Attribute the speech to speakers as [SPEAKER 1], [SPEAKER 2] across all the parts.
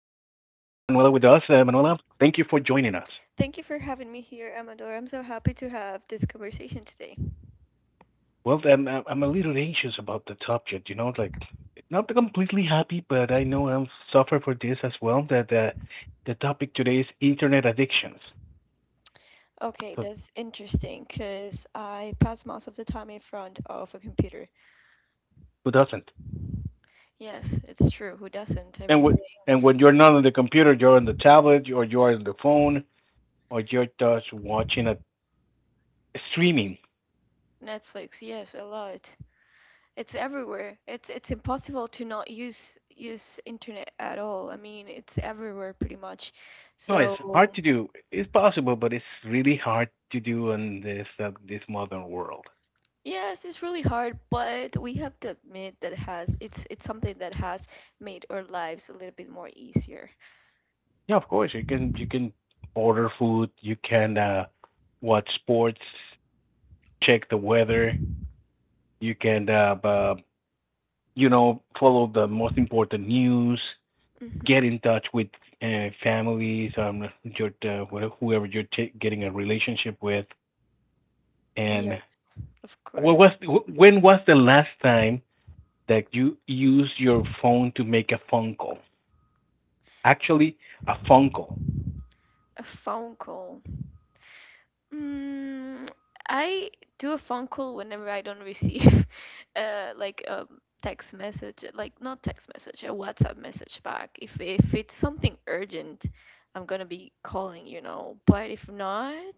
[SPEAKER 1] us. Manuela, thank you for joining us.
[SPEAKER 2] Thank you for having me here, Amador. I'm so happy to have this conversation today.
[SPEAKER 1] Well, I'm a little anxious about the subject, you know, like not completely happy, but I know I've suffered for this as well. That the topic today is internet addictions.
[SPEAKER 2] Okay,
[SPEAKER 1] So
[SPEAKER 2] that's interesting because I pass most of the time in front of a computer.
[SPEAKER 1] who doesn't?
[SPEAKER 2] Yes, it's true. Who doesn't?
[SPEAKER 1] And
[SPEAKER 2] Everything.
[SPEAKER 1] wh- and when you're not on the computer, you're on the tablet, or you're on the phone, or you're just watching a streaming.
[SPEAKER 2] Netflix, yes, a lot. It's everywhere. It's impossible to not use internet at all. I mean, it's everywhere pretty much.
[SPEAKER 1] No, it's hard
[SPEAKER 2] So,
[SPEAKER 1] to do. It's possible, but it's really hard to do in this this modern world.
[SPEAKER 2] yes, it's really hard, but we have to admit that it's something that has made our lives a little bit more easier.
[SPEAKER 1] Yeah, of course you can order food, you can watch sports, check the weather, you can you know follow the most important news,
[SPEAKER 2] Hmm
[SPEAKER 1] get in touch with families, your whoever you're getting a relationship with, and
[SPEAKER 2] Yes, of
[SPEAKER 1] what
[SPEAKER 2] course.
[SPEAKER 1] was when was the last time that you used your phone to make a phone call? Actually, a phone call.
[SPEAKER 2] A phone call. Mm, I do a phone call whenever I don't receive like a text message, like not text message, a WhatsApp message back. If it's something urgent, I'm gonna be calling, you know. But if not,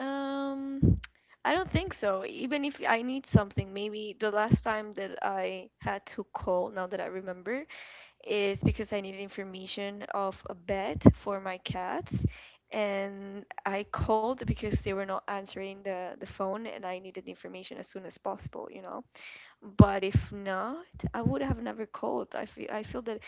[SPEAKER 2] um, I don't think so. Even if I need something, maybe the last time that I had to call, now that I remember, is because I needed information of a vet for my cats. And I called because they were not answering the phone and I needed the information as soon as possible, you know. But if not, I would have never called. I feel I feel that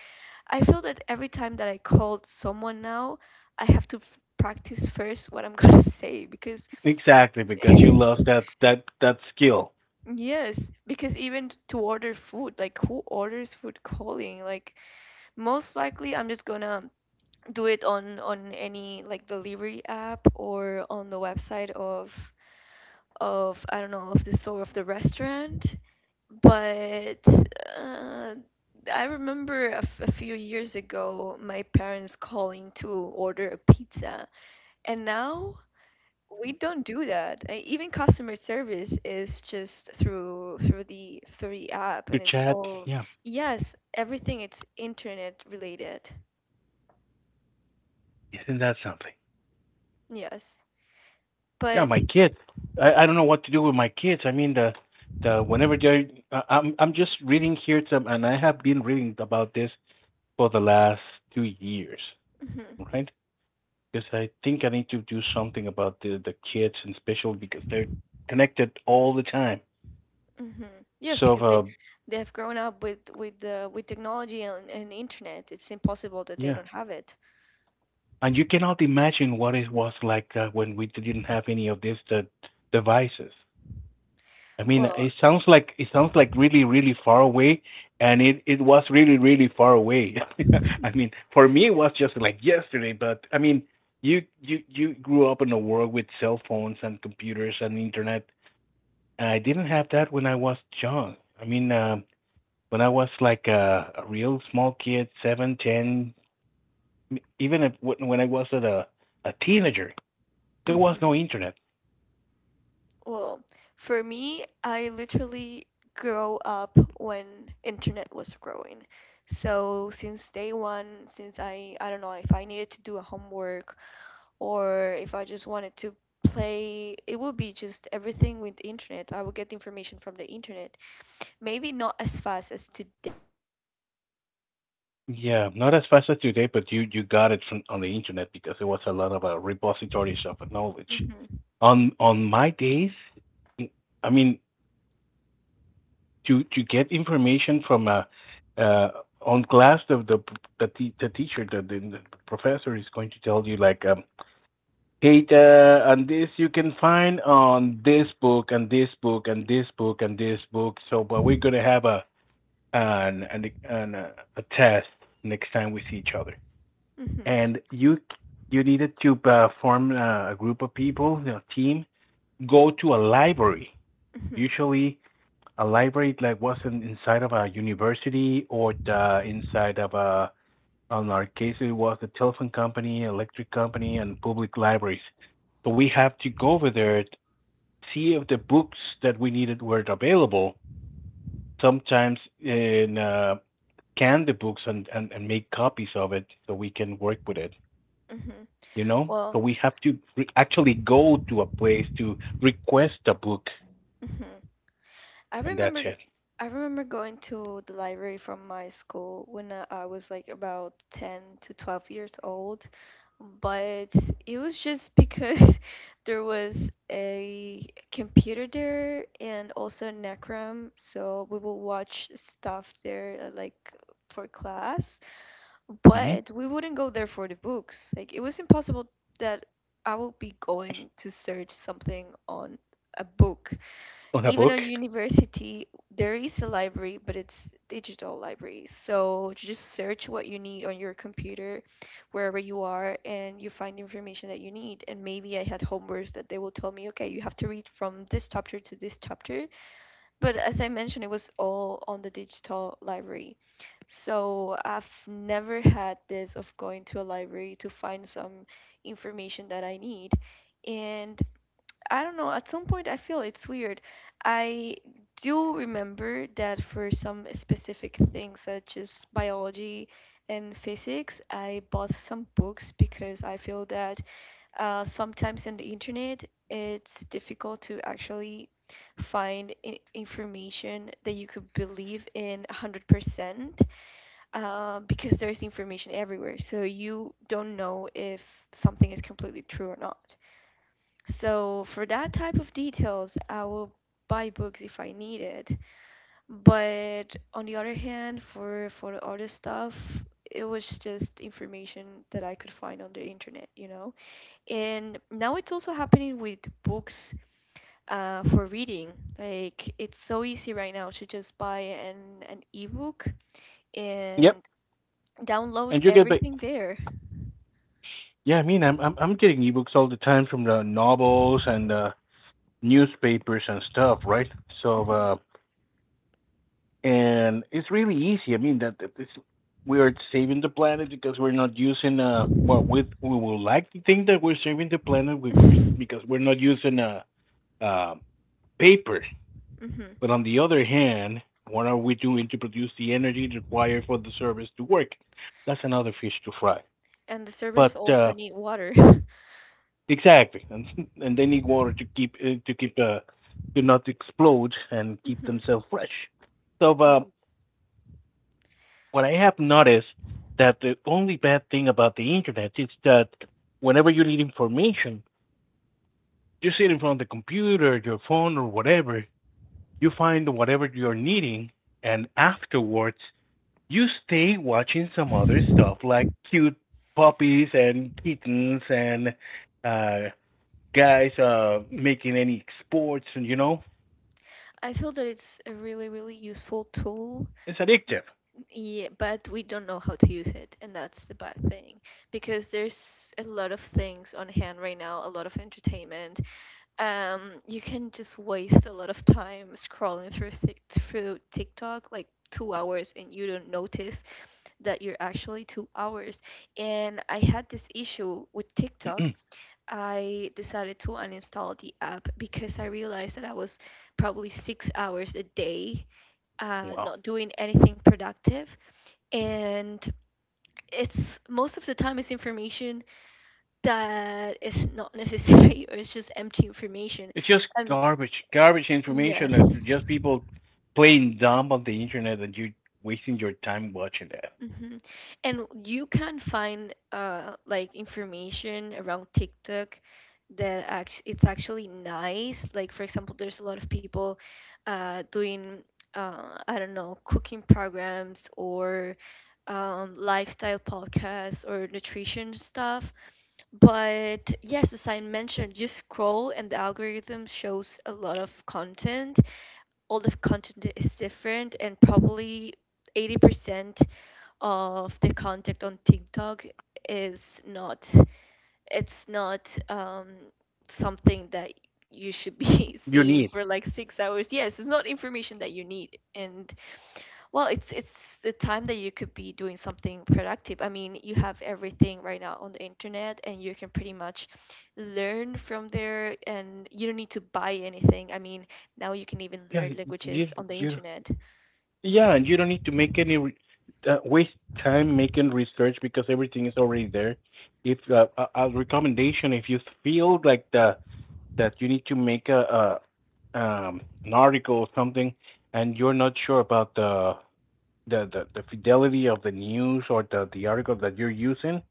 [SPEAKER 2] I feel that every time that I called someone now, I have to practice first what I'm gonna say because
[SPEAKER 1] Exactly, because you lost that skill
[SPEAKER 2] yes, because even to order food, like who orders food calling? Like most likely I'm just gonna do it on any like delivery app or on the website of I don't know of the store of the restaurant. But uh, I remember a, a few years ago my parents calling to order a pizza, and now we don't do that. Even customer service is just through the app,
[SPEAKER 1] to
[SPEAKER 2] and it's
[SPEAKER 1] chat.
[SPEAKER 2] all
[SPEAKER 1] Yeah,
[SPEAKER 2] yes, everything it's internet related.
[SPEAKER 1] isn't that something?
[SPEAKER 2] Yes,
[SPEAKER 1] Yeah,
[SPEAKER 2] but.
[SPEAKER 1] my kids. I don't know what to do with my kids. I mean, the whenever they're, I'm just reading here some, and I have been reading about this for the last 2 years,
[SPEAKER 2] Mhm.
[SPEAKER 1] right? Because I think I need to do something about the kids, and especially because they're connected all the time.
[SPEAKER 2] hmm Yes,
[SPEAKER 1] So,
[SPEAKER 2] because they have grown up with the with technology and internet. It's impossible that they
[SPEAKER 1] yeah.
[SPEAKER 2] don't have it.
[SPEAKER 1] And you cannot imagine what it was like when we didn't have any of these devices. I mean,
[SPEAKER 2] Well,
[SPEAKER 1] it sounds like really, really far away, and it was really, really far away. I mean, for me, it was just like yesterday. But I mean, you grew up in a world with cell phones and computers and internet. And I didn't have that when I was young. I mean, when I was like a real small kid, seven, ten, even if, when I was at a teenager, there was
[SPEAKER 2] mhm.
[SPEAKER 1] no internet.
[SPEAKER 2] Well, for me, I literally grow up when internet was growing. So since day one, since I don't know if I needed to do a homework or if I just wanted to play, it would be just everything with the internet. I would get information from the internet. Maybe not as fast as today because there's so much
[SPEAKER 1] Yeah,
[SPEAKER 2] information
[SPEAKER 1] not as
[SPEAKER 2] that a
[SPEAKER 1] fast as
[SPEAKER 2] few
[SPEAKER 1] today,
[SPEAKER 2] years
[SPEAKER 1] but you
[SPEAKER 2] before.
[SPEAKER 1] got it from on the internet because
[SPEAKER 2] Hmm
[SPEAKER 1] there was a lot of repositories of knowledge.
[SPEAKER 2] hmm
[SPEAKER 1] On my days, I mean, to get information from a uh, on class, the teacher, the professor is going to tell you like, hey, and this you can find on this book and this book and this book and this book. So, but we're
[SPEAKER 2] hmm
[SPEAKER 1] gonna have a an a test next time we see each other.
[SPEAKER 2] hmm
[SPEAKER 1] And you needed to form a group of people, you know, team, go to a library. Usually, a library like wasn't inside of a university or the, inside of a. In our case, it was the telephone company, electric company, and public libraries. So we have to go over there, see if the books that we needed were available. Sometimes in scan the books and make copies of it so we can work with it.
[SPEAKER 2] hmm
[SPEAKER 1] You know, so
[SPEAKER 2] Well,
[SPEAKER 1] we have to actually go to a place to request a book,
[SPEAKER 2] mhm. I
[SPEAKER 1] and that's
[SPEAKER 2] remember
[SPEAKER 1] it.
[SPEAKER 2] I remember going to the library from my school when I was like about 10 to 12 years old, but it was just because there was a computer there and also Necrom, so we will watch stuff there like for class,
[SPEAKER 1] Hmm
[SPEAKER 2] but we wouldn't go there for the books. Like it was impossible that I would be going to search something on a book,
[SPEAKER 1] on a
[SPEAKER 2] even on
[SPEAKER 1] book.
[SPEAKER 2] university there is a library, but it's digital library, so just search what you need on your computer wherever you are and you find information that you need. And maybe I had homeworks that they will tell me, okay, you have to read from this chapter to this chapter, but as I mentioned, it was all on the digital library. So I've never had this of going to a library to find some information that I need. And I don't know, at some point I feel it's weird. I do remember that for some specific things, such as biology and physics, I bought some books because I feel that sometimes on the internet it's difficult to actually find information that you could believe in 100%, because there's information everywhere. So you don't know if something is completely true or not. So for that type of details, I will buy books if I need it. But on the other hand, for the other stuff, it was just information that I could find on the internet, you know. And now it's also happening with books for reading. Like it's so easy right now to just buy an ebook
[SPEAKER 1] Yep.
[SPEAKER 2] and download
[SPEAKER 1] And you get back.
[SPEAKER 2] everything there.
[SPEAKER 1] Yeah, I mean, I'm getting ebooks all the time from the novels and newspapers and stuff, right? So
[SPEAKER 2] Hmm
[SPEAKER 1] and it's really easy. I mean that it's, we are saving the planet because we're not using well, we would like to think that we're saving the planet because we're not using uh paper.
[SPEAKER 2] hmm
[SPEAKER 1] But on the other hand, what are we doing to produce the energy required for the service to work? That's another fish to fry.
[SPEAKER 2] And the servers
[SPEAKER 1] But
[SPEAKER 2] also need water.
[SPEAKER 1] exactly, and they need water to keep to not explode and keep themselves fresh. So what I have noticed, that the only bad thing about the internet is that whenever you need information, you sit in front of the computer, your phone, or whatever, you find whatever you're needing, and afterwards you stay watching some other
[SPEAKER 2] hmm
[SPEAKER 1] stuff like cute puppies and kittens and uh guys making any sports, and you know
[SPEAKER 2] I feel that it's a really, really useful tool,
[SPEAKER 1] it's addictive.
[SPEAKER 2] yeah, but we don't know how to use it, and that's the bad thing because there's a lot of things on hand right now, a lot of entertainment. You can just waste a lot of time scrolling through through TikTok, like 2 hours, and you don't notice that you're actually 2 hours. And I had this issue with TikTok. I decided to uninstall the app because I realized that I was probably 6 hours a day
[SPEAKER 1] Wow,
[SPEAKER 2] not doing anything productive. And it's most of the time it's information that is not necessary or it's just empty information.
[SPEAKER 1] it's just
[SPEAKER 2] Um,
[SPEAKER 1] garbage information and
[SPEAKER 2] yes.
[SPEAKER 1] just people playing dumb on the internet and you wasting your time watching that.
[SPEAKER 2] hmm And you can find like information around TikTok that it's actually nice. Like for example, there's a lot of people doing I don't know, cooking programs or lifestyle podcasts or nutrition stuff. But yes, as I mentioned, you scroll and the algorithm shows a lot of content. All the content is different, and probably 80% of the content on TikTok is not something that you should be
[SPEAKER 1] You
[SPEAKER 2] seeing
[SPEAKER 1] need,
[SPEAKER 2] for like 6 hours. Yes, it's not information that you need, and well, it's the time that you could be doing something productive. I mean, you have everything right now on the internet and you can pretty much learn from there and you don't need to buy anything. I mean, now you can even
[SPEAKER 1] yeah.
[SPEAKER 2] learn
[SPEAKER 1] you
[SPEAKER 2] languages on the
[SPEAKER 1] you
[SPEAKER 2] internet.
[SPEAKER 1] Yeah, and you don't need to make any waste time making research because everything is already there. If a recommendation, if you feel like the that you need to make a an article or something, and you're not sure about the fidelity of the news or the article that you're using,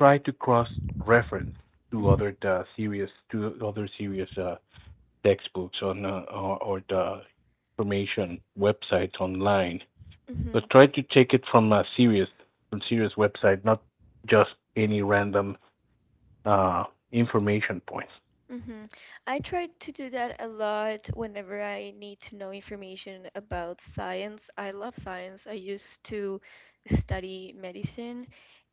[SPEAKER 1] try to cross reference
[SPEAKER 2] Hmm
[SPEAKER 1] to other serious textbooks on or the information websites online. So
[SPEAKER 2] hmm
[SPEAKER 1] try to take it from a serious from serious website, not just any random uh, information points.
[SPEAKER 2] Mm-hmm. I try to do that a lot whenever I need to know information about science. I love science. I used to study medicine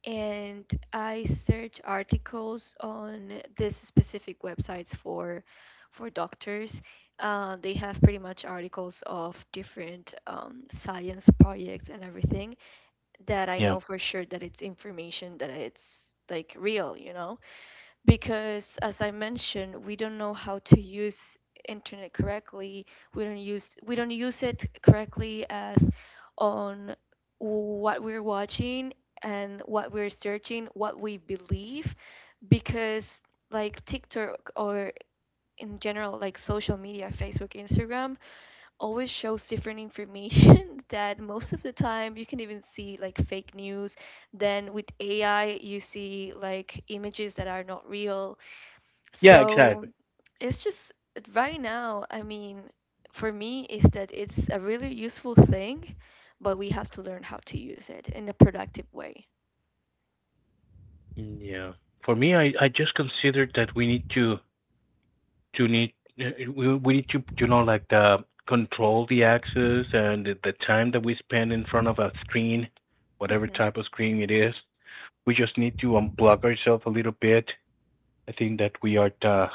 [SPEAKER 2] and I search articles on this specific websites for doctors. They have pretty much articles of different science projects and everything that I
[SPEAKER 1] Yeah.
[SPEAKER 2] know for sure that it's information that it's like real, you know? Because as I mentioned, we don't know how to use internet correctly. We don't use it correctly as on what we're watching and what we're searching, what we believe, because like TikTok or in general like social media, Facebook, Instagram, always shows different information that most of the time you can even see like fake news. Then with AI you see like images that are not real.
[SPEAKER 1] Yeah,
[SPEAKER 2] So
[SPEAKER 1] exactly.
[SPEAKER 2] it's just right now, I mean, for me, is that it's a really useful thing, but we have to learn how to use it in a productive way.
[SPEAKER 1] Yeah. For me, I just considered that we need to need we need to, you know, like the control the access and the time that we spend in front of a screen, whatever
[SPEAKER 2] Hmm
[SPEAKER 1] type of screen it is. We just need to unplug ourselves a little bit. I think that we are the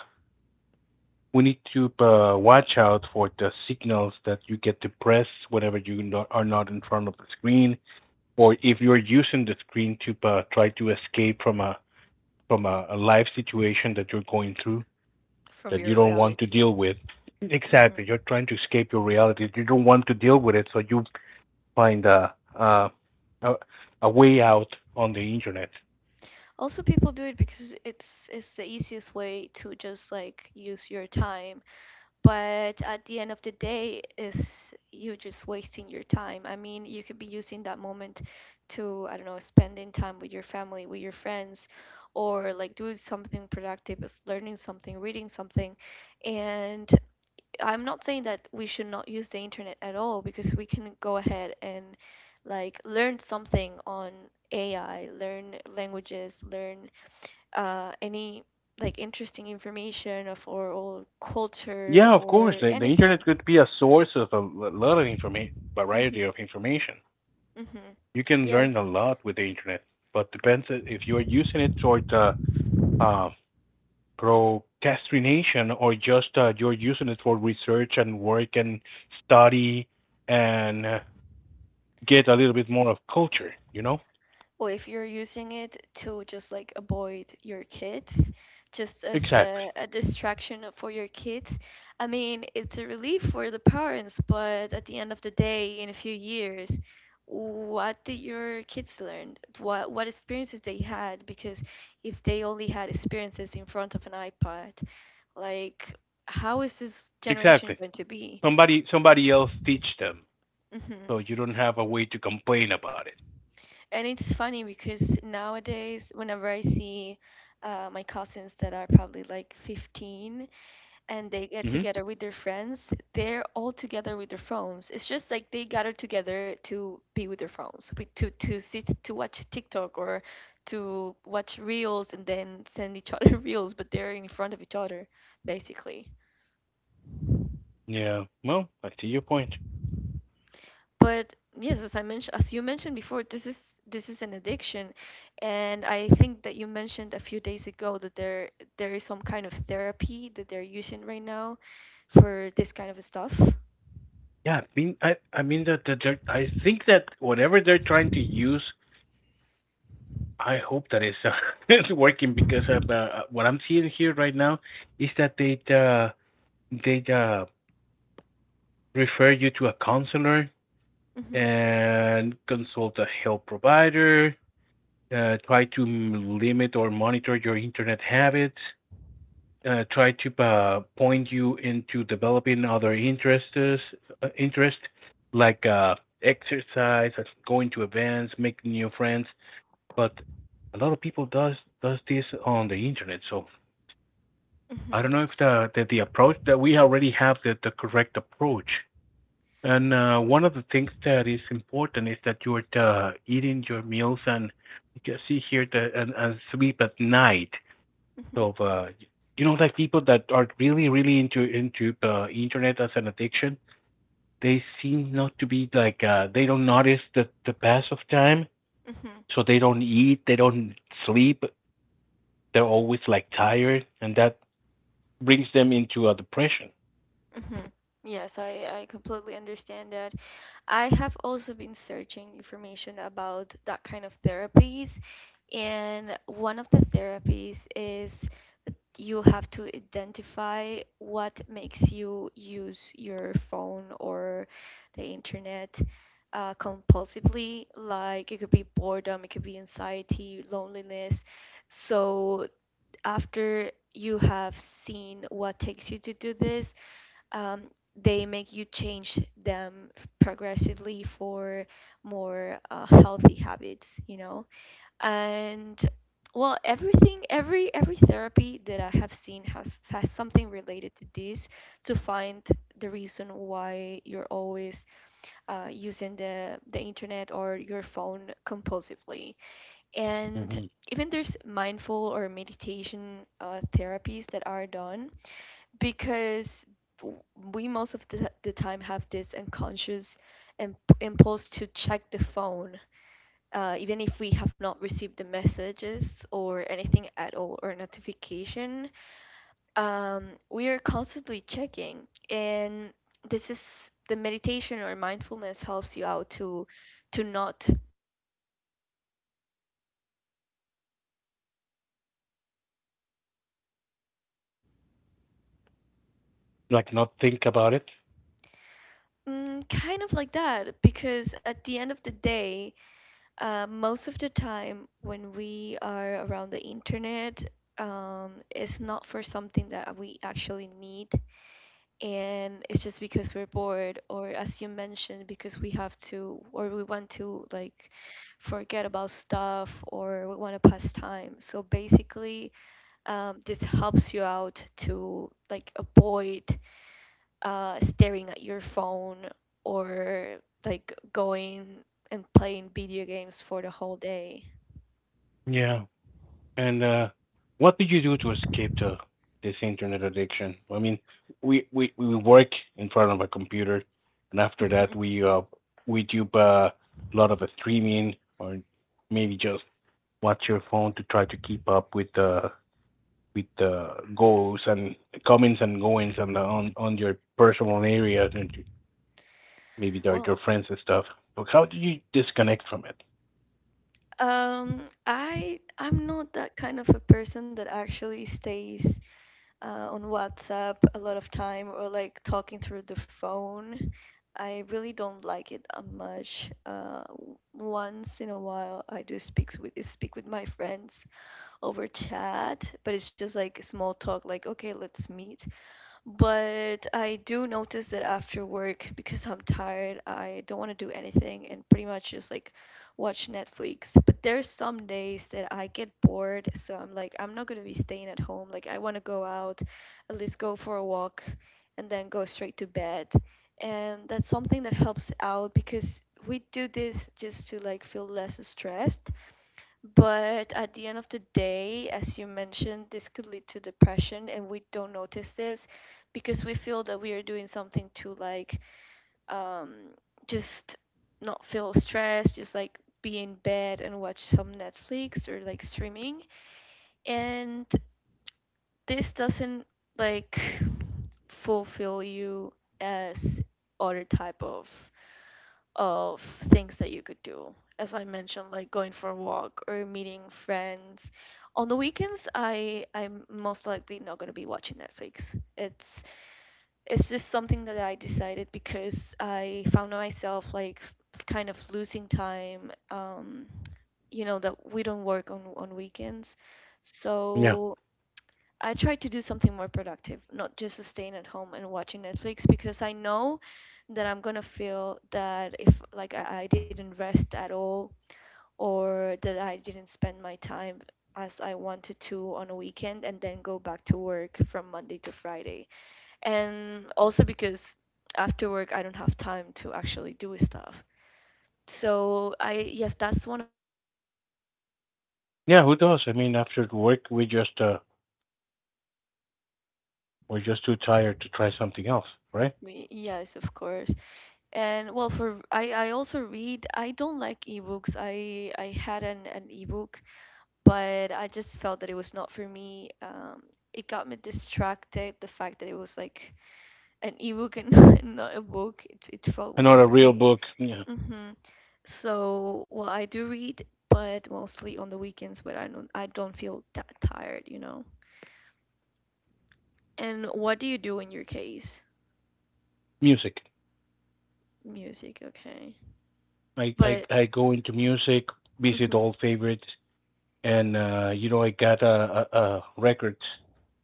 [SPEAKER 1] we need to watch out for the signals that you get depressed whenever you not, are not in front of the screen, or if you're using the screen to try to escape from a life situation that you're going through
[SPEAKER 2] From
[SPEAKER 1] that you
[SPEAKER 2] your
[SPEAKER 1] don't want to
[SPEAKER 2] reality.
[SPEAKER 1] deal with. Exactly, you're
[SPEAKER 2] Hmm
[SPEAKER 1] trying to escape your reality. You don't want to deal with it, so you find a, a way out on the internet.
[SPEAKER 2] Also, people do it because it's the easiest way to just like use your time. But at the end of the day, is you just wasting your time. I mean, you could be using that moment to, I don't know, spending time with your family, with your friends, or like doing something productive, is learning something, reading something. And I'm not saying that we should not use the internet at all, because we can go ahead and like learn something on AI, learn languages, learn any like interesting information of our old culture
[SPEAKER 1] Yeah, of course,
[SPEAKER 2] or
[SPEAKER 1] the internet
[SPEAKER 2] anything.
[SPEAKER 1] could be a source of a lot of information, variety
[SPEAKER 2] Mm-hmm.
[SPEAKER 1] of information.
[SPEAKER 2] Mm-hmm.
[SPEAKER 1] You can learn
[SPEAKER 2] Yes.
[SPEAKER 1] a lot with the internet, but depends if you are using it toward uh, procrastination or just you're using it for research and work and study and get a little bit more of culture. You know,
[SPEAKER 2] Or if you're using it to just like avoid your kids, just as
[SPEAKER 1] exactly,
[SPEAKER 2] a distraction for your kids, I mean, it's a relief for the parents, but at the end of the day, in a few years, what did your kids learn? What experiences they had? Because if they only had experiences in front of an iPad, like, how is this generation
[SPEAKER 1] exactly.
[SPEAKER 2] going to be?
[SPEAKER 1] Somebody else teach them,
[SPEAKER 2] Hmm
[SPEAKER 1] so you don't have a way to complain about it.
[SPEAKER 2] And it's funny because nowadays, whenever I see my cousins that are probably like 15 and they get
[SPEAKER 1] Hmm.
[SPEAKER 2] together with their friends, they're all together with their phones. It's just like they gather together to be with their phones, to sit, to watch TikTok or to watch reels and then send each other reels, but they're in front of each other, basically.
[SPEAKER 1] Yeah. Well, I see your point.
[SPEAKER 2] But yes, as I mentioned, as you mentioned before, this is an addiction, and I think that you mentioned a few days ago that there is some kind of therapy that they're using right now for this kind of stuff.
[SPEAKER 1] Yeah, I mean that that they're. I think that whatever they're trying to use, I hope that is it's working because of, what I'm seeing here right now is that they refer you to a counselor
[SPEAKER 2] Mm-hmm,
[SPEAKER 1] and consult a health provider. Try to limit or monitor your internet habits. Try to point you into developing other interests, interest like exercise, like going to events, making new friends, but a lot of people does this on the internet. So I
[SPEAKER 2] mm-hmm,
[SPEAKER 1] don't know if the approach that we already have the correct approach. And one of the things that is important is that you're eating your meals and you can see here the and sleep at night.
[SPEAKER 2] mm-hmm,
[SPEAKER 1] So you know, like people that are really really into internet as an addiction, they seem not to be like they don't notice the pass of time,
[SPEAKER 2] mm-hmm,
[SPEAKER 1] so they don't eat, they don't sleep, they're always like tired, and that brings them into a depression.
[SPEAKER 2] mm-hmm. Yes, I completely understand that. I have also been searching information about that kind of therapies, and one of the therapies is you have to identify what makes you use your phone or the internet compulsively. Like it could be boredom, it could be anxiety, loneliness. So after you have seen what takes you to do this, um, they make you change them progressively for more healthy habits, you know? And well, everything, every therapy that I have seen has something related to this, to find the reason why you're always using the internet or your phone compulsively. And
[SPEAKER 1] Hmm.
[SPEAKER 2] even there's mindful or meditation therapies that are done, because w- we most of the time have this unconscious imp- impulse to check the phone, even if we have not received the messages or anything at all or notification. We are constantly checking. And this is the meditation or mindfulness helps you out to not be doing, like having this contact all the time.
[SPEAKER 1] Like not think about it.
[SPEAKER 2] Mm, kind of like that, because at the end of the day, most of the time when we are around the internet, it's not for something that we actually need, and it's just because we're bored, or as you mentioned, because we have to, or we want to, like, forget about stuff, or we want to pass time. So basically, this helps you out to like avoid staring at your phone, or like going and playing video games for the whole day.
[SPEAKER 1] Yeah. And what do you do to escape the this internet addiction? I mean, we work in front of a computer, and after
[SPEAKER 2] Mhm.
[SPEAKER 1] that we do a lot of streaming, or maybe just watch your phone to try to keep up with the goals and comings and goings on on your personal area and maybe they're
[SPEAKER 2] Well,
[SPEAKER 1] your friends and stuff. But how do you disconnect from it?
[SPEAKER 2] um, I'm not that kind of a person that actually stays on WhatsApp a lot of time or like talking through the phone. I really don't like it much. Once in a while, I do speak with my friends over chat, but it's just like small talk, like, okay, let's meet. But I do notice that after work, because I'm tired, I don't want to do anything, and pretty much just like watch Netflix. But there's some days that I get bored, so I'm like, I'm not gonna be staying at home. Like, I want to go out, at least go for a walk, and then go straight to bed. And that's something that helps out because we do this just to like feel less stressed. But at the end of the day, as you mentioned, this could lead to depression, and we don't notice this because we feel that we are doing something to like um, just not feel stressed, just like be in bed and watch some Netflix or like streaming. And this doesn't, like, fulfill you as other type of things that you could do. As I mentioned, like going for a walk or meeting friends. On the weekends, I'm most likely not going to be watching Netflix. It's just something that I decided because I found myself like kind of losing time. You know that we don't work on weekends,
[SPEAKER 1] Yeah,
[SPEAKER 2] so I try to do something more productive, not just staying at home and watching Netflix, because I know that I'm gonna feel that if like I didn't rest at all, or that I didn't spend my time as I wanted to on a weekend, and then go back to work from Monday to Friday. And also because after work I don't have time to actually do stuff. So I, yes, that's one of the main things I do. I
[SPEAKER 1] yeah.
[SPEAKER 2] also...
[SPEAKER 1] Who does? I mean, after work, we just we're just too tired to try something else, right?
[SPEAKER 2] Yes, of course. And well, for I also read. I don't like ebooks. I had an ebook, but I just felt that it was not for me. It got me distracted. The fact that it was like an ebook and not, and not a book, it felt weird
[SPEAKER 1] Another
[SPEAKER 2] for
[SPEAKER 1] real
[SPEAKER 2] me.
[SPEAKER 1] book. Yeah,
[SPEAKER 2] Hmm So, well, I do read, but mostly on the weekends. But I don't feel that tired, you know. And what do you do in your case?
[SPEAKER 1] music.
[SPEAKER 2] Music, okay.
[SPEAKER 1] I I
[SPEAKER 2] But...
[SPEAKER 1] I go into music, visit
[SPEAKER 2] hmm
[SPEAKER 1] old favorites, and you know I got records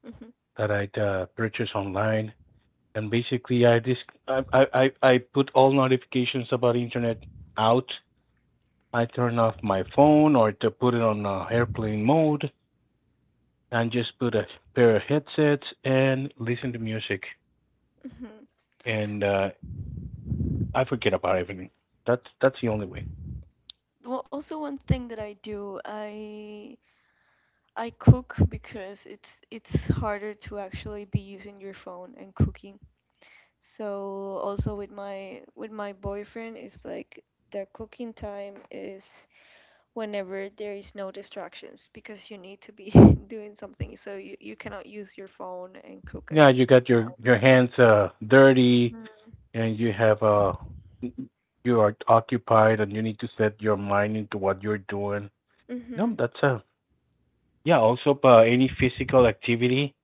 [SPEAKER 2] hmm
[SPEAKER 1] that I'd purchase online, and basically I dis I put all notifications about internet out. I turn off my phone or to put it on airplane mode and just put a pair of headsets and listen to music
[SPEAKER 2] hmm
[SPEAKER 1] and I forget about everything. That's the only way.
[SPEAKER 2] Well, also one thing that I do, I cook because it's harder to actually be using your phone and cooking. So also with my boyfriend, it's like the cooking time is whenever there is no distractions because you need to be doing something. So you cannot use your phone and cook at
[SPEAKER 1] Yeah,
[SPEAKER 2] the
[SPEAKER 1] you got
[SPEAKER 2] same
[SPEAKER 1] your hands dirty
[SPEAKER 2] time.
[SPEAKER 1] and you have you are occupied and you need to set your mind into what you're doing. No,
[SPEAKER 2] Mm-hmm.
[SPEAKER 1] that's a yeah, also any physical activity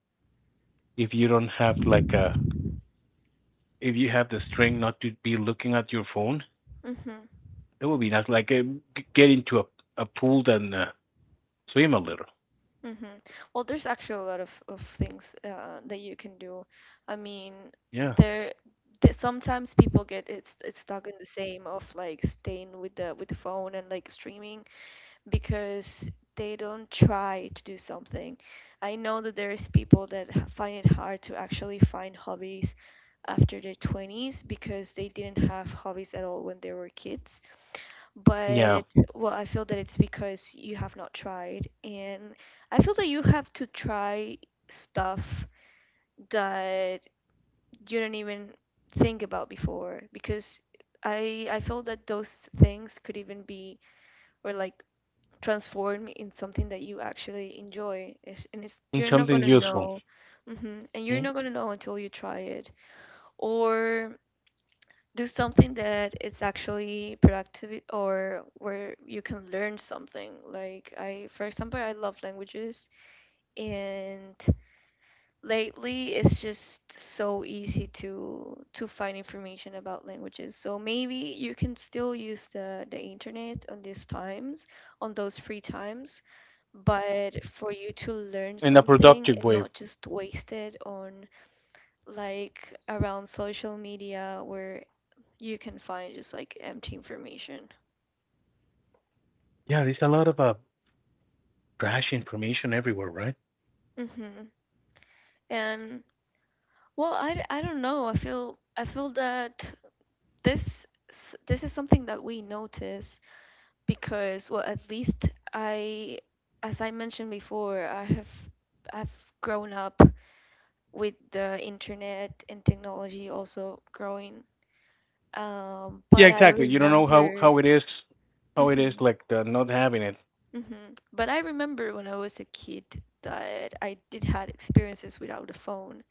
[SPEAKER 1] if you don't have like a if you have the strength not to be looking at your phone,
[SPEAKER 2] Mm-hmm.
[SPEAKER 1] it would be nice. Get into a pool and swim a little.
[SPEAKER 2] Mm-hmm. Well, there's actually a lot of things that you can do. I mean,
[SPEAKER 1] Yeah.
[SPEAKER 2] there, there sometimes people get, it's stuck in the same of like staying with the phone and like streaming because they don't try to do something. I know that there's people that find it hard to actually find hobbies after their 20s because they didn't have hobbies at all when they were kids.
[SPEAKER 1] Yeah,
[SPEAKER 2] But well, I feel that it's because you have not tried, and I feel that you have to try stuff that you don't even think about before, because I feel that those things could even be, or like, transform in something that you actually enjoy. It's, and it's,
[SPEAKER 1] in
[SPEAKER 2] you're not
[SPEAKER 1] something
[SPEAKER 2] gonna
[SPEAKER 1] useful
[SPEAKER 2] know, hmm and you're
[SPEAKER 1] mm?
[SPEAKER 2] not gonna know until you try it. Or do something that it's actually productive or where you can learn something, like, I, for example, I love languages, and lately it's just so easy to find information about languages, so maybe you can still use the internet on these times, on those free times, but for you to learn
[SPEAKER 1] In a
[SPEAKER 2] something
[SPEAKER 1] productive
[SPEAKER 2] and
[SPEAKER 1] way.
[SPEAKER 2] not just waste it on, like, around social media, where you can find just like empty information.
[SPEAKER 1] Yeah, there's a lot of trash information everywhere, right?
[SPEAKER 2] Hmm And, well, I don't know. I feel that this this is something that we notice because, well, at least I, as I mentioned before, I have, I've grown up with the internet and technology also growing.
[SPEAKER 1] Yeah,
[SPEAKER 2] But I
[SPEAKER 1] exactly. You don't know how
[SPEAKER 2] remember...
[SPEAKER 1] how it is, how it
[SPEAKER 2] hmm
[SPEAKER 1] is like the not having it.
[SPEAKER 2] hmm But I remember when I was a kid that I did had experiences without a phone.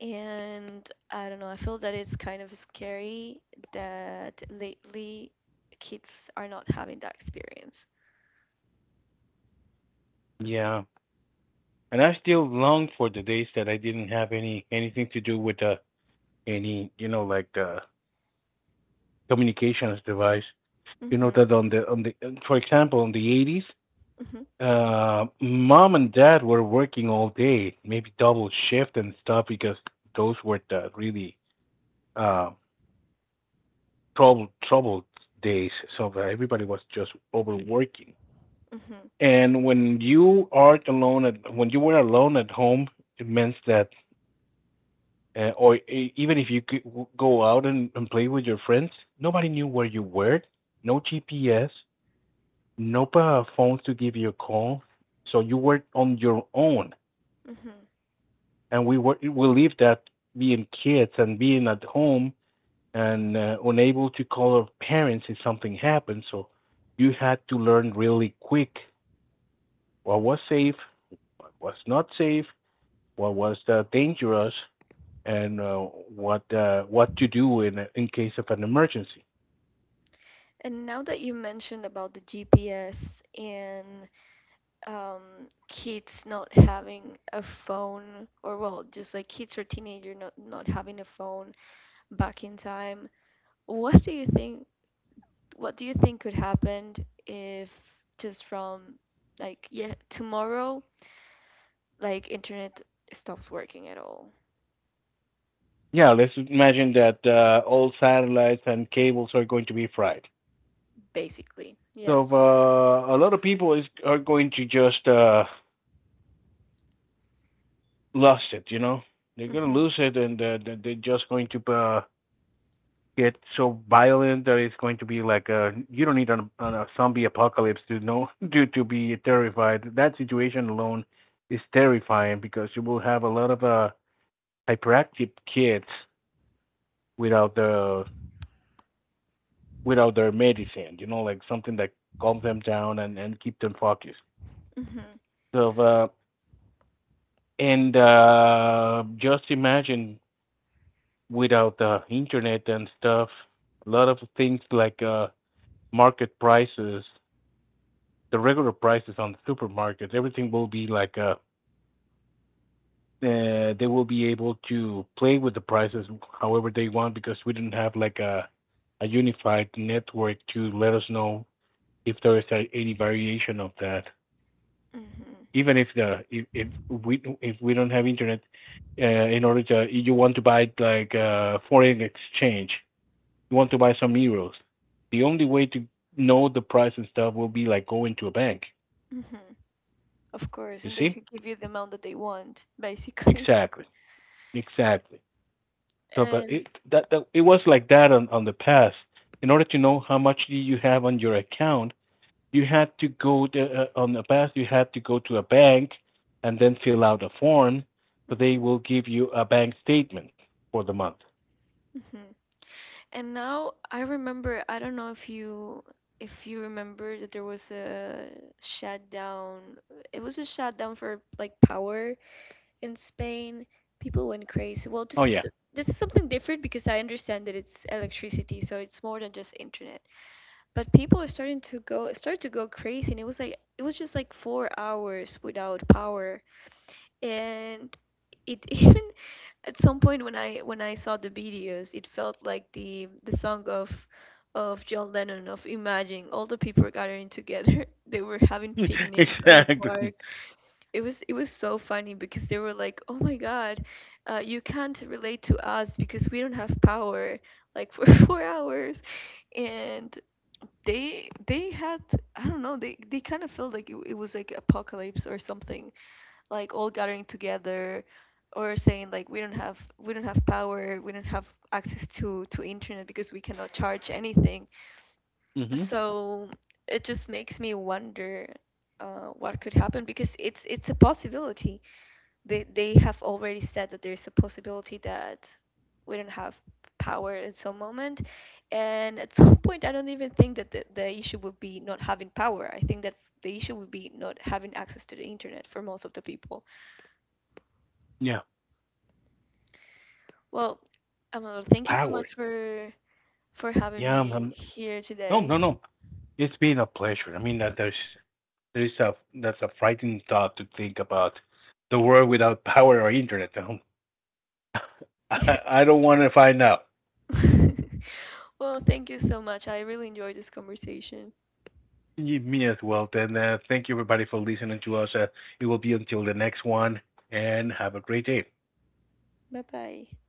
[SPEAKER 2] And I don't know, I feel that it's kind of scary that lately kids are not having that experience.
[SPEAKER 1] Yeah, and I still long for the days that I didn't have anything to do with any communications device. You know
[SPEAKER 2] Mm-hmm,
[SPEAKER 1] that on the for example in the 80s,
[SPEAKER 2] mm-hmm,
[SPEAKER 1] mom and dad were working all day, maybe double shift and stuff because those were the really uh, troubled days, so everybody was just overworking.
[SPEAKER 2] mm-hmm,
[SPEAKER 1] And when you are alone at when you were alone at home, it meant that or even if you could go out and play with your friends, nobody knew where you were. No GPS, no phones to give you a call, so you were on your own.
[SPEAKER 2] mm-hmm.
[SPEAKER 1] And we lived that being kids and being at home and unable to call our parents if something happened. So you had to learn really quick what was safe, what was not safe, what was dangerous, and what to do in case of an emergency.
[SPEAKER 2] And now that you mentioned about the GPS and um, kids not having a phone, or, well, just like kids or teenager not having a phone back in time, what do you think? What do you think could happen if, just from, like, yeah, tomorrow, like, internet stops working at all?
[SPEAKER 1] Yeah, let's imagine that all satellites and cables are going to be fried.
[SPEAKER 2] Basically,
[SPEAKER 1] So
[SPEAKER 2] yes.
[SPEAKER 1] a lot of people is are going to just lost it. You know, they're going to
[SPEAKER 2] Mhm.
[SPEAKER 1] lose it, and they're just going to get so violent that it's going to be like a you don't need a zombie apocalypse to know to be terrified. That situation alone is terrifying because you will have a lot of hyperactive kids without the without their medicine, you know, like something that calms them down and keep them focused.
[SPEAKER 2] Mhm.
[SPEAKER 1] So and just imagine without the internet and stuff, a lot of things like market prices, the regular prices on the supermarkets. Everything will be like they will be able to play with the prices however they want because we don't have like a unified network to let us know if there is any variation of that.
[SPEAKER 2] Mhm.
[SPEAKER 1] Even if the if we don't have internet, uh, in order to you want to buy like foreign exchange, you want to buy some euros. The only way to know the price and stuff will be like going to a bank.
[SPEAKER 2] Mhm. Of course,
[SPEAKER 1] You
[SPEAKER 2] and they
[SPEAKER 1] see?
[SPEAKER 2] could give you the amount that they want, basically.
[SPEAKER 1] Exactly. Exactly. So, but
[SPEAKER 2] And...
[SPEAKER 1] that it was like that on the past. In order to know how much you have on your account, you had to go to, on the past. You had to go to a bank and then fill out a form, so they
[SPEAKER 2] mhm.
[SPEAKER 1] will give you a bank statement for the month.
[SPEAKER 2] Mhm. And now I remember, I don't know if you, if you remember, that there was a shutdown. It was a shutdown for like power in Spain. People went crazy. Well, this,
[SPEAKER 1] Oh yeah,
[SPEAKER 2] is this is something different because I understand that it's electricity, so it's more than just internet, but people are start to go crazy, and it was like, it was just like 4 hours without power. And it even at some point, when I saw the videos, it felt like the song of John Lennon, of Imagine, all the people were gathering together. They were having picnics on the
[SPEAKER 1] exactly.
[SPEAKER 2] park. It was, it was so funny, because they were like, oh my god, you can't relate to us because we don't have power, like, for 4 hours. And they had, I don't know, they kind of felt like it was like apocalypse or something, like all gathering together, or saying like, we don't have, we don't have power, we don't have access to internet because we cannot charge anything.
[SPEAKER 1] Hmm.
[SPEAKER 2] So it just makes me wonder what could happen, because it's a possibility. They have already said that there's a possibility that we don't have power at some moment. And at some point, I don't even think that the issue would be not having power. I think that the issue would be not having access to the internet for most of the people.
[SPEAKER 1] Yeah,
[SPEAKER 2] Well, Amador, thank you so
[SPEAKER 1] power.
[SPEAKER 2] much for having
[SPEAKER 1] Yeah,
[SPEAKER 2] me here
[SPEAKER 1] no,
[SPEAKER 2] today.
[SPEAKER 1] no, no. It's been a pleasure. I mean, that there's a that's a frightening thought to think about the world without power or internet. Oh
[SPEAKER 2] Hmm
[SPEAKER 1] I,
[SPEAKER 2] Yes.
[SPEAKER 1] I don't want to find out.
[SPEAKER 2] Well, thank you so much, I really enjoyed this conversation.
[SPEAKER 1] You, me as well. Then thank you everybody for listening to us. It will be until the next one, and have a great day.
[SPEAKER 2] Bye bye.